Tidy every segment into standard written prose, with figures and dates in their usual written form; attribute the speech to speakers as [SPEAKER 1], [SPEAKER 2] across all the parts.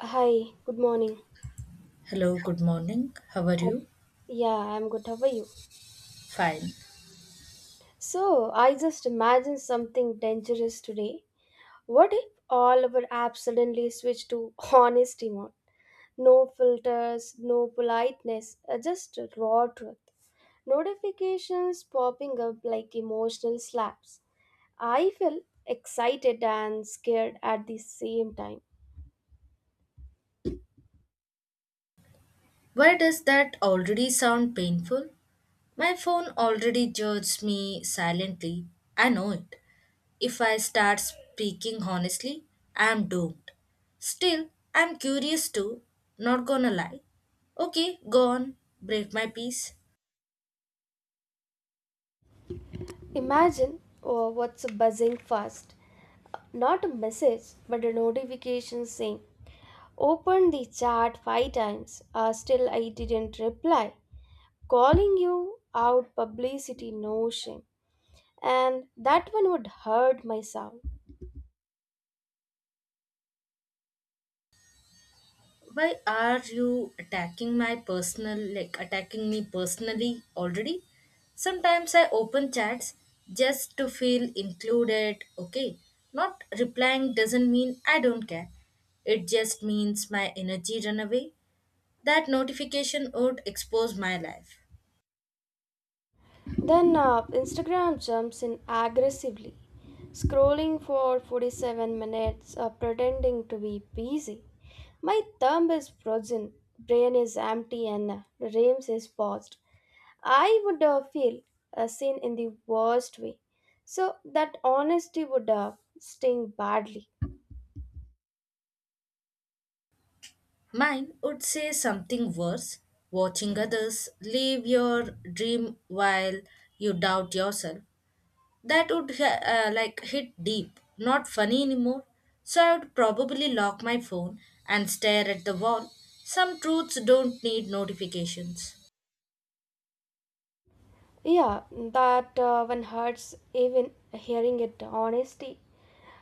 [SPEAKER 1] Hi, good morning.
[SPEAKER 2] Hello, good morning. How are
[SPEAKER 1] Hope-
[SPEAKER 2] you?
[SPEAKER 1] Yeah, I'm good. How are you?
[SPEAKER 2] Fine.
[SPEAKER 1] So, I just imagined something dangerous today. What if all our apps suddenly switch to honesty mode? No filters, no politeness, just raw truth. Notifications popping up like emotional slaps. I feel excited and scared at the same time.
[SPEAKER 2] Why does that already sound painful? My phone already judges me silently. I know it. If I start speaking honestly, I'm doomed. Still, I'm curious too, not gonna lie. Okay, go on, break my peace.
[SPEAKER 1] Imagine oh, what's buzzing fast. Not a message, but a notification saying Opened the chat five times. Still, I didn't reply. Calling you out publicity, no shame. And that one would hurt my sound.
[SPEAKER 2] Why are you attacking my personal, attacking me personally already? Sometimes I open chats just to feel included, okay? Not replying doesn't mean I don't care. It just means my energy run away. That notification would expose my life.
[SPEAKER 1] Then Instagram jumps in aggressively, scrolling for 47 minutes, pretending to be busy. My thumb is frozen, brain is empty, and Rames is paused. I would feel seen in the worst way. So that honesty would sting badly.
[SPEAKER 2] Mine would say something worse. Watching others live your dream while you doubt yourself. That would hit deep, not funny anymore. So I would probably lock my phone and stare at the wall. Some truths don't need notifications.
[SPEAKER 1] Yeah, that one hurts even hearing it. Honesty.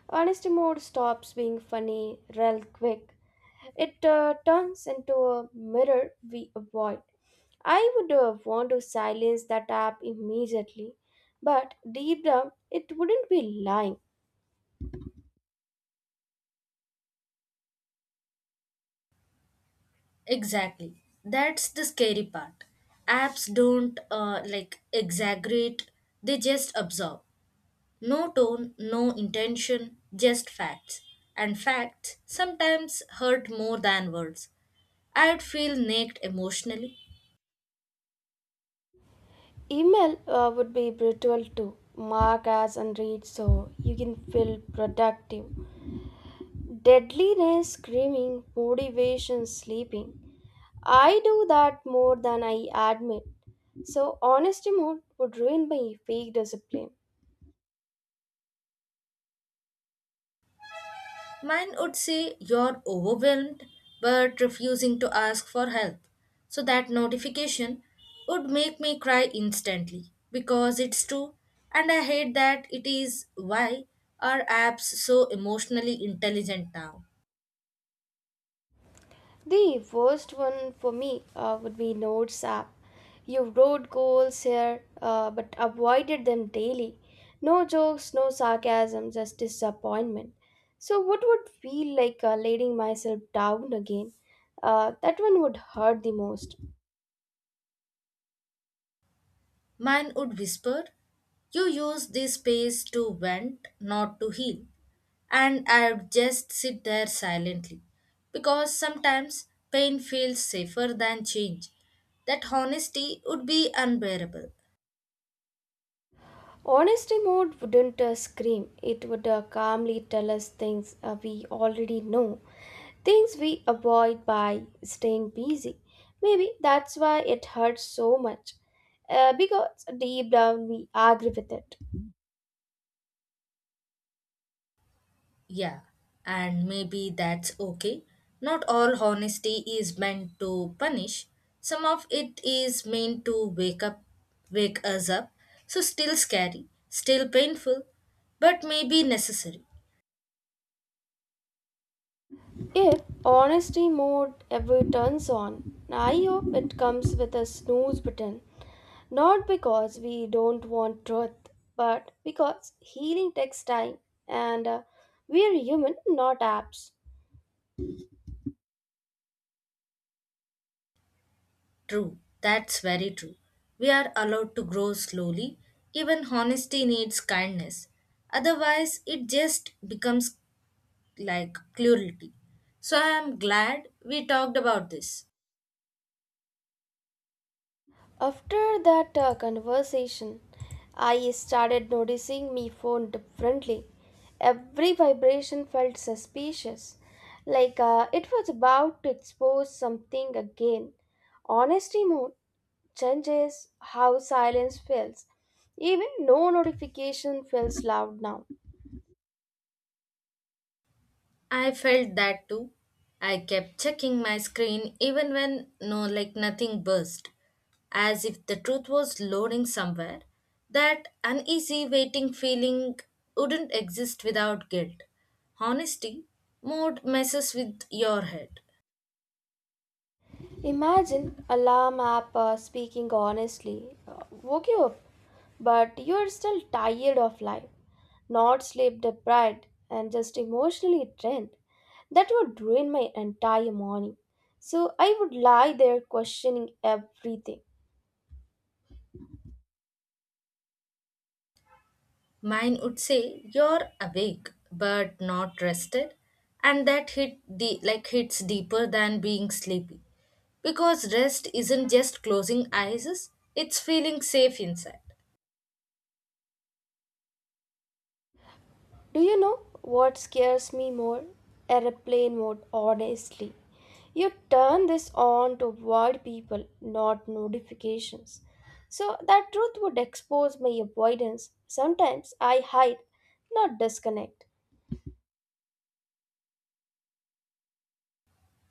[SPEAKER 1] Honesty mode stops being funny real quick. It turns into a mirror we avoid. I would want to silence that app immediately, but deep down, it wouldn't be lying.
[SPEAKER 2] Exactly, that's the scary part. Apps don't exaggerate, they just absorb. No tone, no intention, just facts. And facts sometimes hurt more than words. I would feel naked emotionally.
[SPEAKER 1] Email would be brutal too. Mark as unread so you can feel productive. Deadliness screaming, motivation sleeping. I do that more than I admit. So honesty mode would ruin my fake discipline.
[SPEAKER 2] Mine would say you're overwhelmed but refusing to ask for help. So that notification would make me cry instantly because it's true, and I hate that it is. Why are apps so emotionally intelligent now?
[SPEAKER 1] The worst one for me would be Notes app. You wrote goals here, but avoided them daily. No jokes, no sarcasm, just disappointment. So, what would feel like letting myself down again? That one would hurt the most.
[SPEAKER 2] Mine would whisper, you use this space to vent, not to heal. And I would just sit there silently. Because sometimes pain feels safer than change. That honesty would be unbearable.
[SPEAKER 1] Honesty mode wouldn't scream, it would calmly tell us things we already know, things we avoid by staying busy. Maybe that's why it hurts so much, because deep down we agree with it.
[SPEAKER 2] Yeah, and maybe that's okay. Not all honesty is meant to punish. Some of it is meant to wake up, wake us up. So still scary, still painful, but maybe necessary.
[SPEAKER 1] If honesty mode ever turns on, I hope it comes with a snooze button. Not because we don't want truth, but because healing takes time and we are human, not apps.
[SPEAKER 2] True, that's very true. We are allowed to grow slowly. Even honesty needs kindness. Otherwise, it just becomes like cruelty. So I am glad we talked about this.
[SPEAKER 1] After that conversation, I started noticing my phone differently. Every vibration felt suspicious, like it was about to expose something again. Honesty mode changes how silence feels. Even no notification feels loud now.
[SPEAKER 2] I felt that too. I kept checking my screen even when nothing burst, as if the truth was loading somewhere. That uneasy waiting feeling wouldn't exist without guilt. Honesty mode messes with your head.
[SPEAKER 1] Imagine a alarm app speaking honestly. Woke you up, but you're still tired of life, not sleep deprived, and just emotionally drained. That would ruin my entire morning. So I would lie there questioning everything.
[SPEAKER 2] Mine would say you're awake but not rested, and that hits deeper than being sleepy. Because rest isn't just closing eyes, it's feeling safe inside.
[SPEAKER 1] Do you know what scares me more? Airplane mode, honestly. You turn this on to avoid people, not notifications. So that truth would expose my avoidance. Sometimes I hide, not disconnect.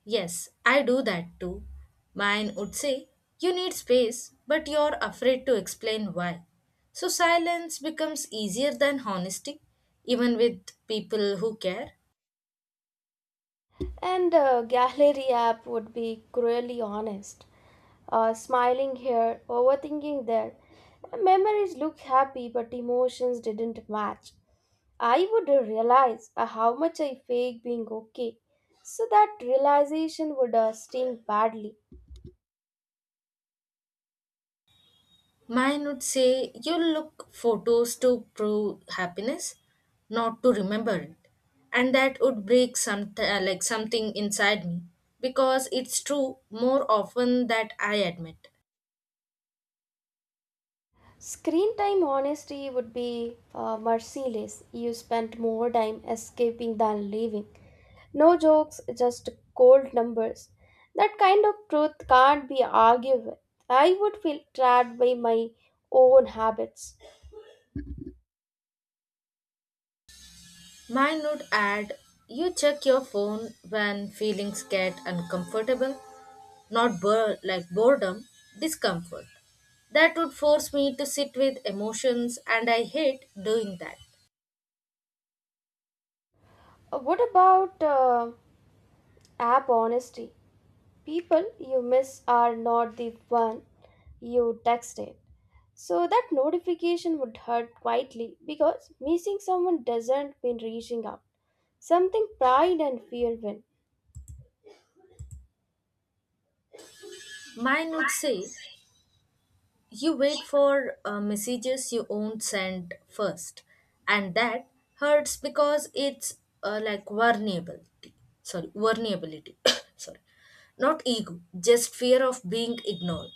[SPEAKER 2] Yes, I do that too. Mine would say, you need space, but you're afraid to explain why. So silence becomes easier than honesty, even with people who care.
[SPEAKER 1] And gallery app would be cruelly honest. Smiling here, overthinking there. Memories look happy, but emotions didn't match. I would realize how much I fake being okay. So that realization would sting badly.
[SPEAKER 2] Mine would say, you look photos to prove happiness, not to remember it. And that would break something inside me because it's true more often that I admit.
[SPEAKER 1] Screen time honesty would be merciless. You spend more time escaping than living. No jokes, just cold numbers. That kind of truth can't be argued with. I would feel trapped by my own habits.
[SPEAKER 2] Mine would add, you check your phone when feelings get uncomfortable, not boredom, discomfort. That would force me to sit with emotions, and I hate doing that.
[SPEAKER 1] What about app honesty? People you miss are not the one you texted. So that notification would hurt quietly because missing someone doesn't mean reaching out. Something pride and fear win.
[SPEAKER 2] Mine would say you wait for messages you won't send first, and that hurts because it's like vulnerability. Vulnerability, Sorry not ego, just fear of being ignored.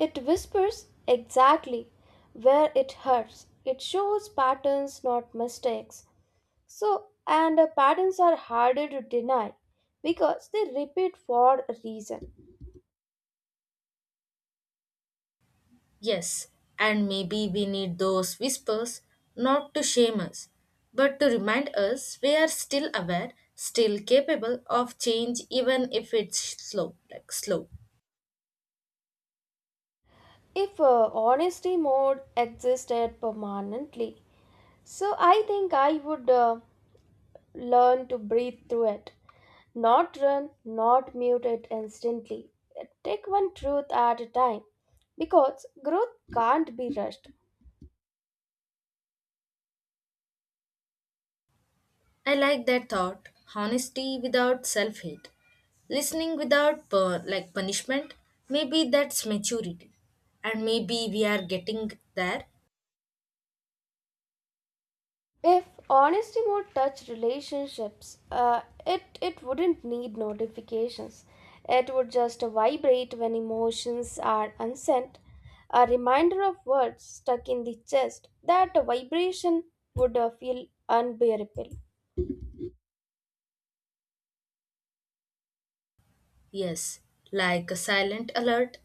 [SPEAKER 1] It whispers exactly where it hurts. It shows patterns, not mistakes. So, and patterns are harder to deny because they repeat for a reason.
[SPEAKER 2] Yes, and maybe we need those whispers not to shame us, but to remind us we are still aware, still capable of change even if it's slow.
[SPEAKER 1] If honesty mode existed permanently, so I think I would learn to breathe through it, not run, not mute it instantly. Take one truth at a time because growth can't be rushed.
[SPEAKER 2] I like that thought, honesty without self-hate, listening without punishment. Maybe that's maturity. And maybe we are getting there.
[SPEAKER 1] If honesty would touch relationships, it wouldn't need notifications. It would just vibrate when emotions are unsent. A reminder of words stuck in the chest, that vibration would feel unbearable.
[SPEAKER 2] Yes, like a silent alert.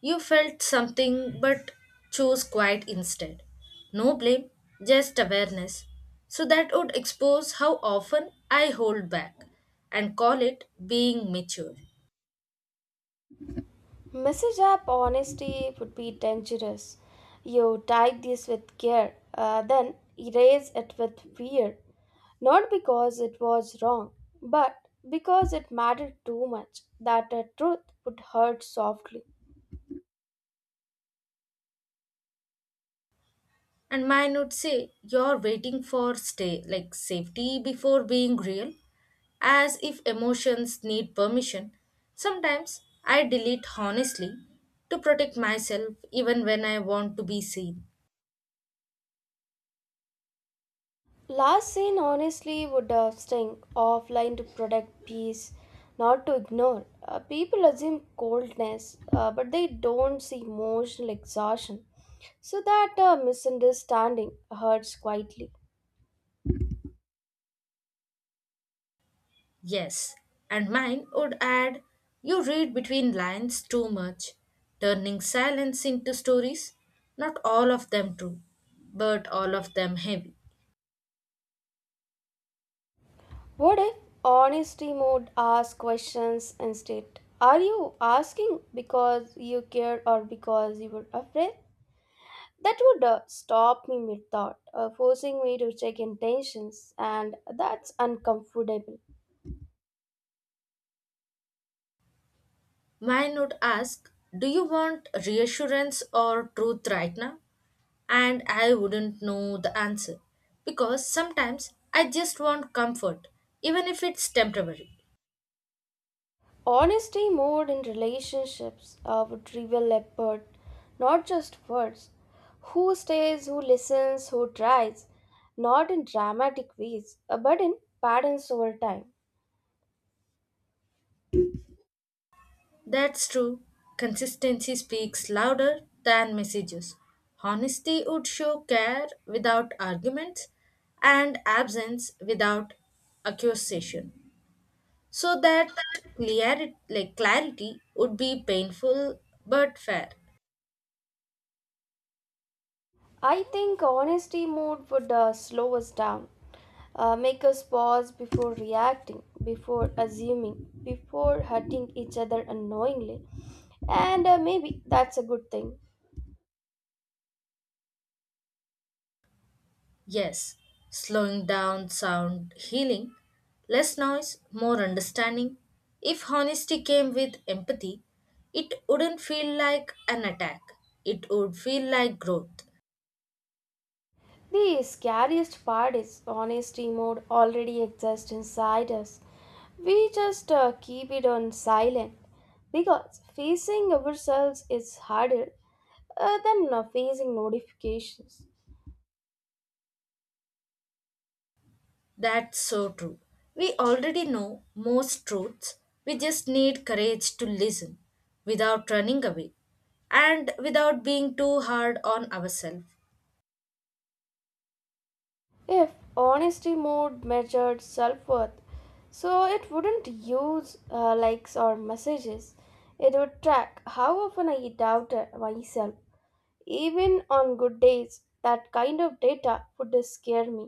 [SPEAKER 2] You felt something but chose quiet instead. No blame, just awareness. So that would expose how often I hold back and call it being mature.
[SPEAKER 1] Message up honesty would be dangerous. You type this with care, then erase it with fear. Not because it was wrong, but because it mattered too much that a truth would hurt softly.
[SPEAKER 2] And mine would say, you're waiting for stay like safety before being real, as if emotions need permission. Sometimes I delete honestly to protect myself even when I want to be seen.
[SPEAKER 1] Last scene honestly would sting offline to protect peace, not to ignore. People assume coldness, but they don't see emotional exhaustion, so that misunderstanding hurts quietly.
[SPEAKER 2] Yes, and mine would add, you read between lines too much, turning silence into stories, not all of them true, but all of them heavy.
[SPEAKER 1] What if honesty mode asks questions instead? Are you asking because you care or because you were afraid? That would stop me mid thought, forcing me to check intentions, and that's uncomfortable.
[SPEAKER 2] Mine would ask, do you want reassurance or truth right now? And I wouldn't know the answer because sometimes I just want comfort, even if it's temporary.
[SPEAKER 1] Honesty mode in relationships would reveal effort, not just words. Who stays, who listens, who tries, not in dramatic ways, but in patterns over time.
[SPEAKER 2] That's true. Consistency speaks louder than messages. Honesty would show care without arguments and absence without accusation. So that clarity would be painful but fair.
[SPEAKER 1] I think honesty mode would slow us down, make us pause before reacting, before assuming, before hurting each other unknowingly. And maybe that's a good thing.
[SPEAKER 2] Yes, slowing down sound healing, less noise, more understanding. If honesty came with empathy, it wouldn't feel like an attack. It would feel like growth.
[SPEAKER 1] The scariest part is honesty mode already exists inside us. We just keep it on silent because facing ourselves is harder than facing notifications.
[SPEAKER 2] That's so true. We already know most truths. We just need courage to listen without running away and without being too hard on ourselves.
[SPEAKER 1] If honesty mode measured self worth, so it wouldn't use likes or messages. It would track how often I doubted myself. Even on good days, that kind of data would scare me.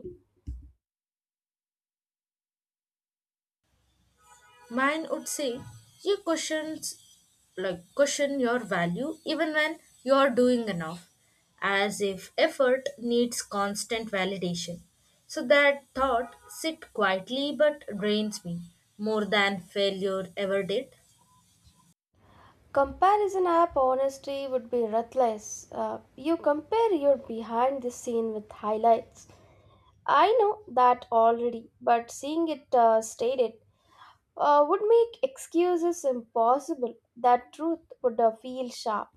[SPEAKER 2] Mine would say you question your value even when you are doing enough, as if effort needs constant validation. So that thought sit quietly but drains me more than failure ever did.
[SPEAKER 1] Comparison app honesty would be ruthless. You compare your behind the scene with highlights. I know that already, but seeing it stated would make excuses impossible. That truth would feel sharp.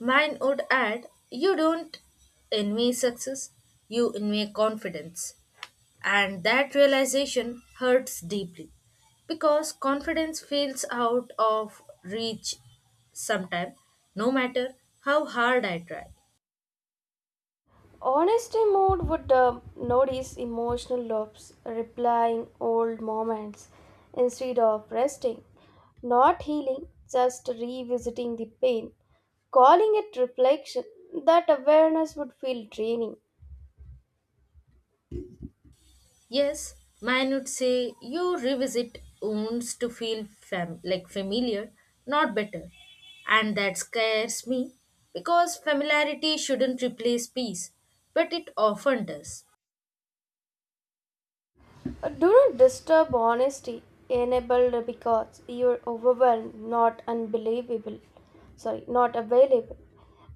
[SPEAKER 2] Mine would add, you don't envy success, you envy confidence. And that realization hurts deeply because confidence feels out of reach sometime, no matter how hard I try.
[SPEAKER 1] Honesty mode would notice emotional loops, replying old moments instead of resting, not healing, just revisiting the pain, calling it reflection. That awareness would feel draining.
[SPEAKER 2] Yes, mine would say you revisit wounds to feel familiar, not better. And that scares me because familiarity shouldn't replace peace, but it often does.
[SPEAKER 1] Do not disturb honesty enabled because you're overwhelmed, not unbelievable. Sorry, not available.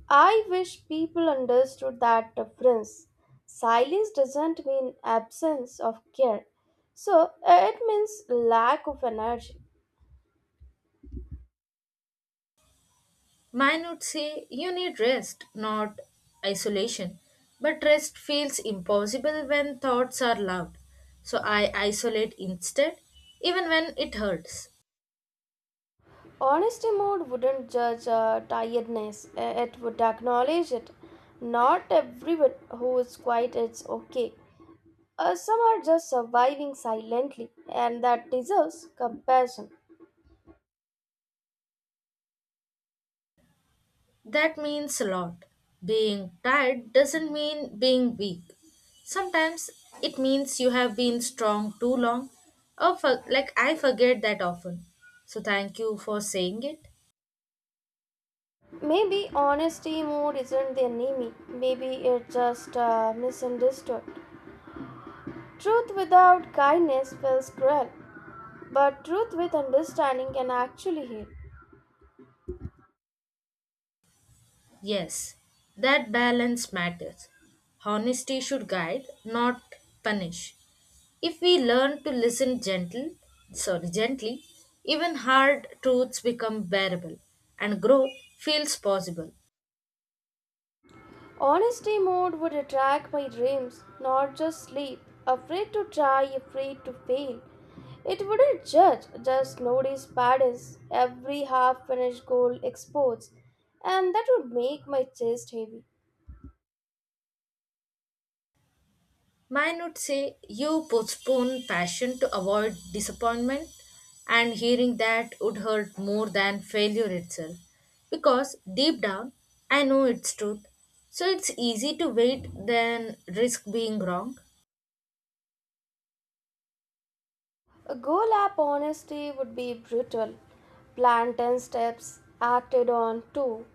[SPEAKER 1] I wish people understood that difference. Silence doesn't mean absence of care, so it means lack of energy.
[SPEAKER 2] Mine would say you need rest, not isolation. But rest feels impossible when thoughts are loud. So I isolate instead, even when it hurts.
[SPEAKER 1] Honesty mode wouldn't judge tiredness, it would acknowledge it. Not everyone who is quiet is okay. Some are just surviving silently, and that deserves compassion.
[SPEAKER 2] That means a lot. Being tired doesn't mean being weak. Sometimes it means you have been strong too long, or for, like I forget that often. So thank you for saying it.
[SPEAKER 1] Maybe honesty mood isn't the enemy, maybe it's just misunderstood. Truth without kindness feels cruel, but truth with understanding can actually heal.
[SPEAKER 2] Yes, that balance matters. Honesty should guide, not punish. If we learn to listen gently, even hard truths become bearable and growth feels possible.
[SPEAKER 1] Honesty mode would attract my dreams, not just sleep. Afraid to try, afraid to fail. It wouldn't judge, just notice patterns, every half finished goal exposed, and that would make my chest heavy.
[SPEAKER 2] Mine would say you postpone passion to avoid disappointment, and hearing that would hurt more than failure itself because deep down I know it's truth. So it's easy to wait than risk being wrong.
[SPEAKER 1] A goal app honesty would be brutal. Plan 10 steps, acted on 2.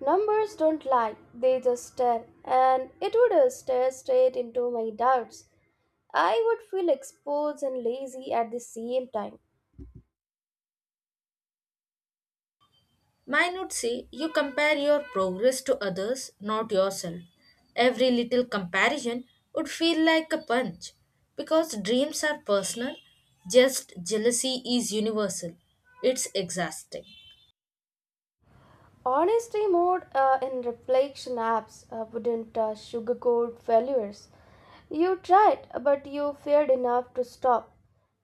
[SPEAKER 1] Numbers don't lie, they just stare, and it would stare straight into my doubts. I would feel exposed and lazy at the same time.
[SPEAKER 2] Mine would say you compare your progress to others, not yourself. Every little comparison would feel like a punch because dreams are personal, just jealousy is universal. It's exhausting.
[SPEAKER 1] Honesty mode in reflection apps wouldn't sugarcoat failures. You tried, but you feared enough to stop.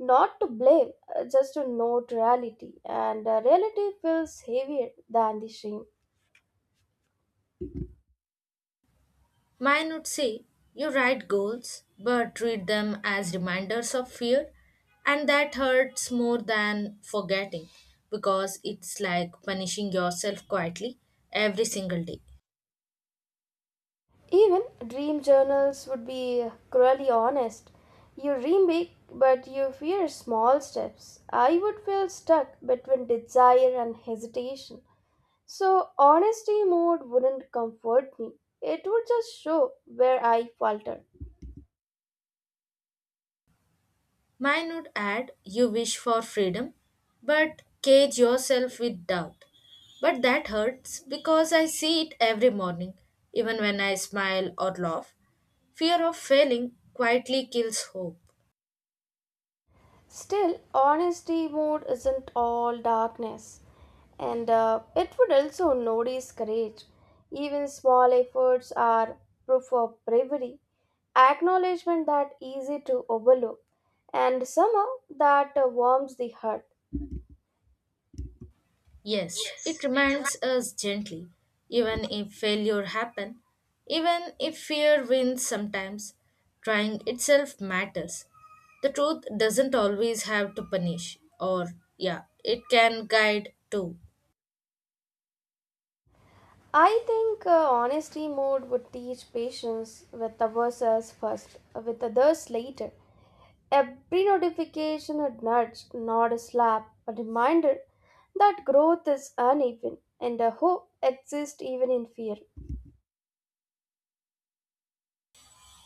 [SPEAKER 1] Not to blame, just to note reality, and reality feels heavier than the shame.
[SPEAKER 2] Mine would say you write goals but treat them as reminders of fear, and that hurts more than forgetting because it's like punishing yourself quietly every single day.
[SPEAKER 1] Even dream journals would be cruelly honest. You dream big, but you fear small steps. I would feel stuck between desire and hesitation. So, honesty mode wouldn't comfort me. It would just show where I falter.
[SPEAKER 2] Mine would add, you wish for freedom, but cage yourself with doubt. But that hurts because I see it every morning, even when I smile or laugh. Fear of failing quietly kills hope.
[SPEAKER 1] Still, honesty mode isn't all darkness, and it would also notice courage. Even small efforts are proof of bravery, acknowledgement that easy to overlook, and somehow that warms the heart.
[SPEAKER 2] Yes, it reminds us gently, even if failure happen, even if fear wins sometimes, trying itself matters. The truth doesn't always have to punish, or yeah, it can guide too.
[SPEAKER 1] I think honesty mode would teach patience with ourselves first, with others later. Every notification a nudge, not a slap, a reminder that growth is uneven and a hope exists even in fear.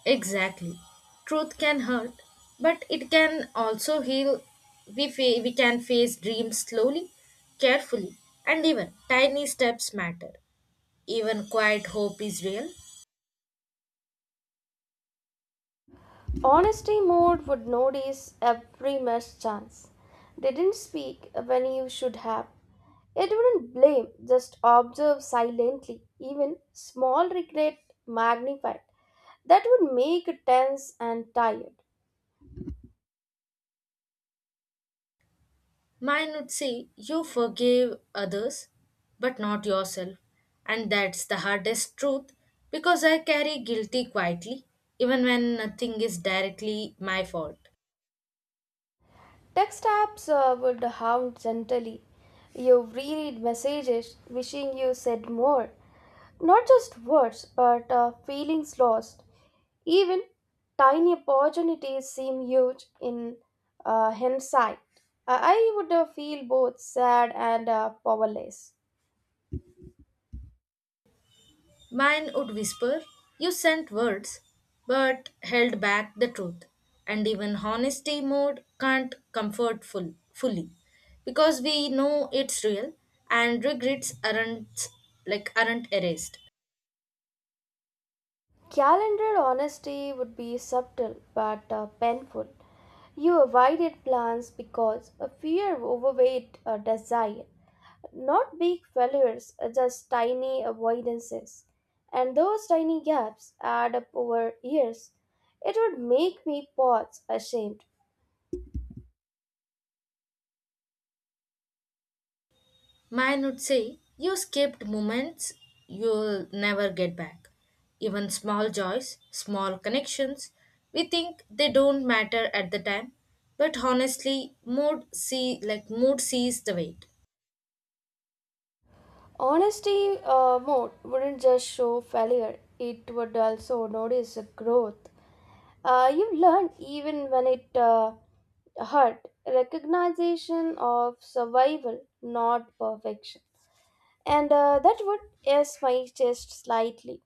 [SPEAKER 2] Exactly. Truth can hurt, but it can also heal. We can face dreams slowly, carefully, and even tiny steps matter. Even quiet hope is real.
[SPEAKER 1] Honesty mode would notice every mischance. They didn't speak when you should have. It wouldn't blame, just observe silently, even small regret magnified. That would make it tense and tired.
[SPEAKER 2] Mine would say you forgive others, but not yourself. And that's the hardest truth because I carry guilty quietly, even when nothing is directly my fault.
[SPEAKER 1] Text apps would hound gently. You reread messages wishing you said more. Not just words, but feelings lost. Even tiny opportunities seem huge in hindsight. I would feel both sad and powerless.
[SPEAKER 2] Mine would whisper, you sent words, but held back the truth. And even honesty mode can't comfort fully because we know it's real and regrets aren't erased.
[SPEAKER 1] Calendar honesty would be subtle but painful. You avoided plans because a fear overweight a desire. Not big failures, just tiny avoidances. And those tiny gaps add up over years. It would make me pause ashamed.
[SPEAKER 2] Mine would say, you skipped moments you'll never get back. Even small joys, small connections, we think they don't matter at the time, but honestly, mood sees the weight.
[SPEAKER 1] Honesty mode wouldn't just show failure, it would also notice the growth. You learn even when it hurt. Recognition of survival, not perfection. And that would ease my chest slightly.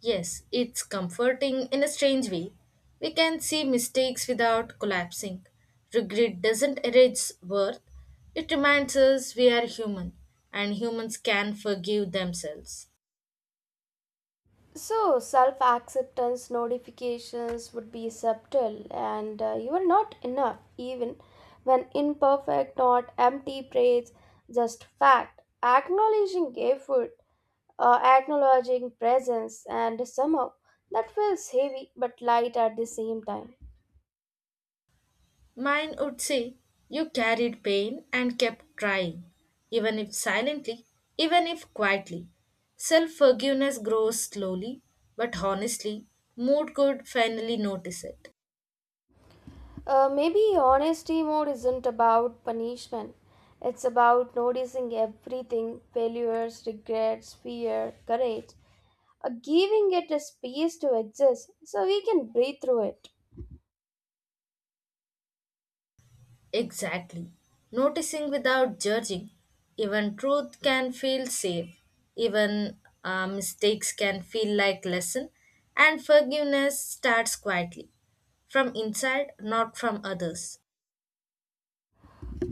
[SPEAKER 2] Yes, it's comforting in a strange way. We can see mistakes without collapsing. Regret doesn't erase worth, it reminds us we are human and humans can forgive themselves.
[SPEAKER 1] So, self acceptance notifications would be subtle, and you are not enough, even when imperfect, not empty praise, just fact. Acknowledging effort, acknowledging presence, and somehow that feels heavy but light at the same time.
[SPEAKER 2] Mine would say, you carried pain and kept trying, even if silently, even if quietly. Self forgiveness grows slowly, but honestly, mood could finally notice it.
[SPEAKER 1] Maybe honesty mode isn't about punishment. It's about noticing everything failures, regrets, fear, courage, giving it a space to exist so we can breathe through it.
[SPEAKER 2] Exactly. Noticing without judging, even truth can feel safe, even mistakes can feel like lesson, and forgiveness starts quietly, from inside, not from others.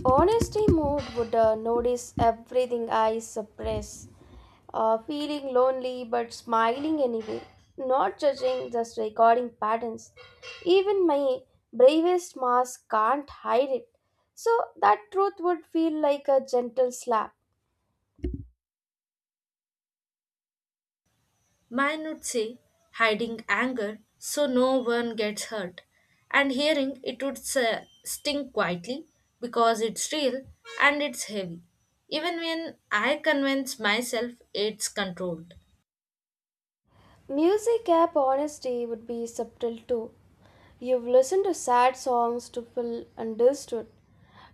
[SPEAKER 1] Honesty mood would notice everything I suppress, feeling lonely but smiling anyway, not judging, just recording patterns. Even my bravest mask can't hide it, so that truth would feel like a gentle slap.
[SPEAKER 2] Mine would say hiding anger so no one gets hurt, and hearing it would sting quietly because it's real and it's heavy, even when I convince myself it's controlled.
[SPEAKER 1] Music app honesty would be subtle too. You've listened to sad songs to feel understood.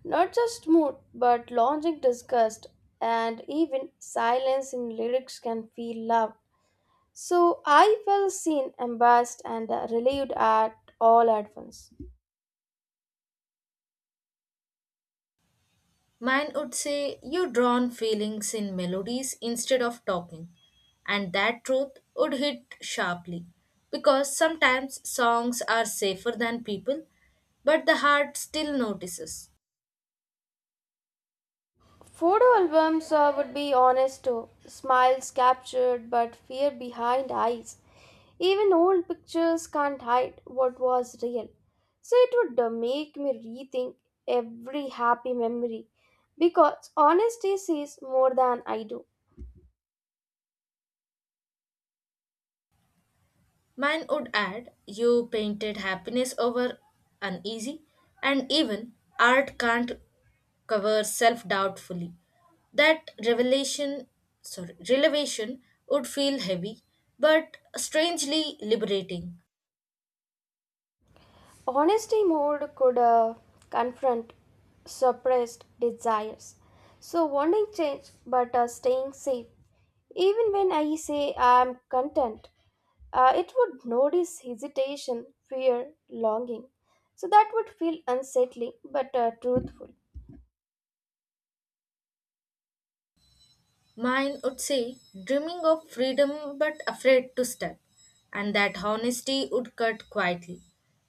[SPEAKER 1] Not just mood, but longing disgust, and even silence in lyrics can feel love. So I felt seen, embarrassed, and relieved at all at once.
[SPEAKER 2] Mine would say, you drown feelings in melodies instead of talking. And that truth would hit sharply. Because sometimes songs are safer than people, but the heart still notices.
[SPEAKER 1] Photo albums would be honest too. Smiles captured, but fear behind eyes. Even old pictures can't hide what was real. So it would make me rethink every happy memory because honesty sees more than I do.
[SPEAKER 2] Mine would add, you painted happiness over uneasy, and even art can't cover self doubt fully. That revelation would feel heavy, but strangely liberating.
[SPEAKER 1] Honesty mode could confront suppressed desires. So, wanting change but staying safe. Even when I say I'm content, it would notice hesitation, fear, longing. So, that would feel unsettling but truthful.
[SPEAKER 2] Mine would say, dreaming of freedom but afraid to step. And that honesty would cut quietly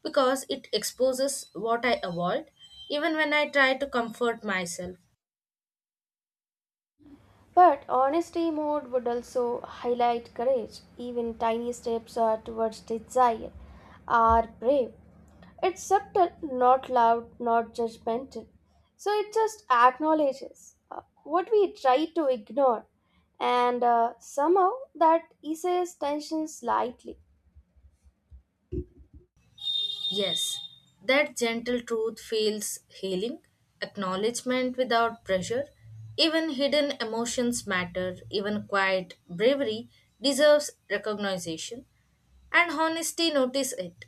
[SPEAKER 2] because it exposes what I avoid even when I try to comfort myself.
[SPEAKER 1] But honesty mode would also highlight courage. Even tiny steps towards desire are brave. It's subtle, not loud, not judgmental. So it just acknowledges what we try to ignore, and somehow that eases tension slightly.
[SPEAKER 2] Yes, that gentle truth feels healing, acknowledgement without pressure. Even hidden emotions matter, even quiet bravery deserves recognition, and honesty notice it.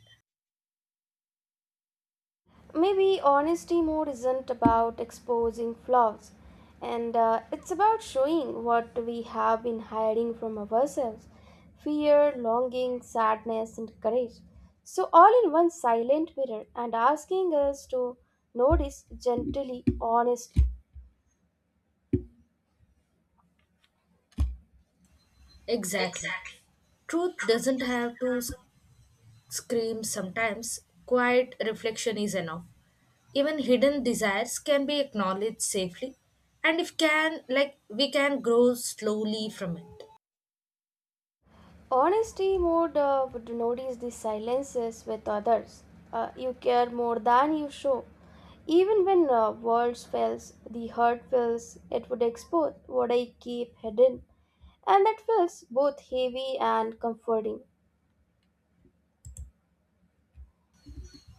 [SPEAKER 1] Maybe honesty mode isn't about exposing flaws, and it's about showing what we have been hiding from ourselves fear, longing, sadness, and courage. So, all in one silent mirror, and asking us to notice gently, honestly.
[SPEAKER 2] Exactly. Truth doesn't have to screams sometimes, quiet reflection is enough. Even hidden desires can be acknowledged safely, and if can, like we can grow slowly from it.
[SPEAKER 1] Honesty mode would notice the silences with others. You care more than you show. Even when words fails, the heart feels it would expose what I keep hidden, and that feels both heavy and comforting.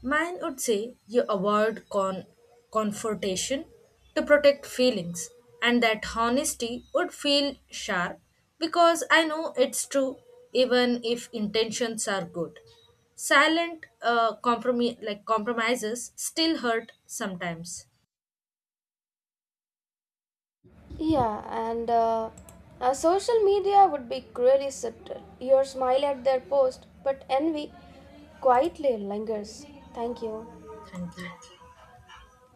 [SPEAKER 2] Mine would say you avoid confrontation to protect feelings, and that honesty would feel sharp because I know it's true even if intentions are good. Silent compromises still hurt sometimes.
[SPEAKER 1] Yeah, and social media would be cruelly subtle. You smile at their post, but envy quietly lingers. Thank you.
[SPEAKER 2] Thank you.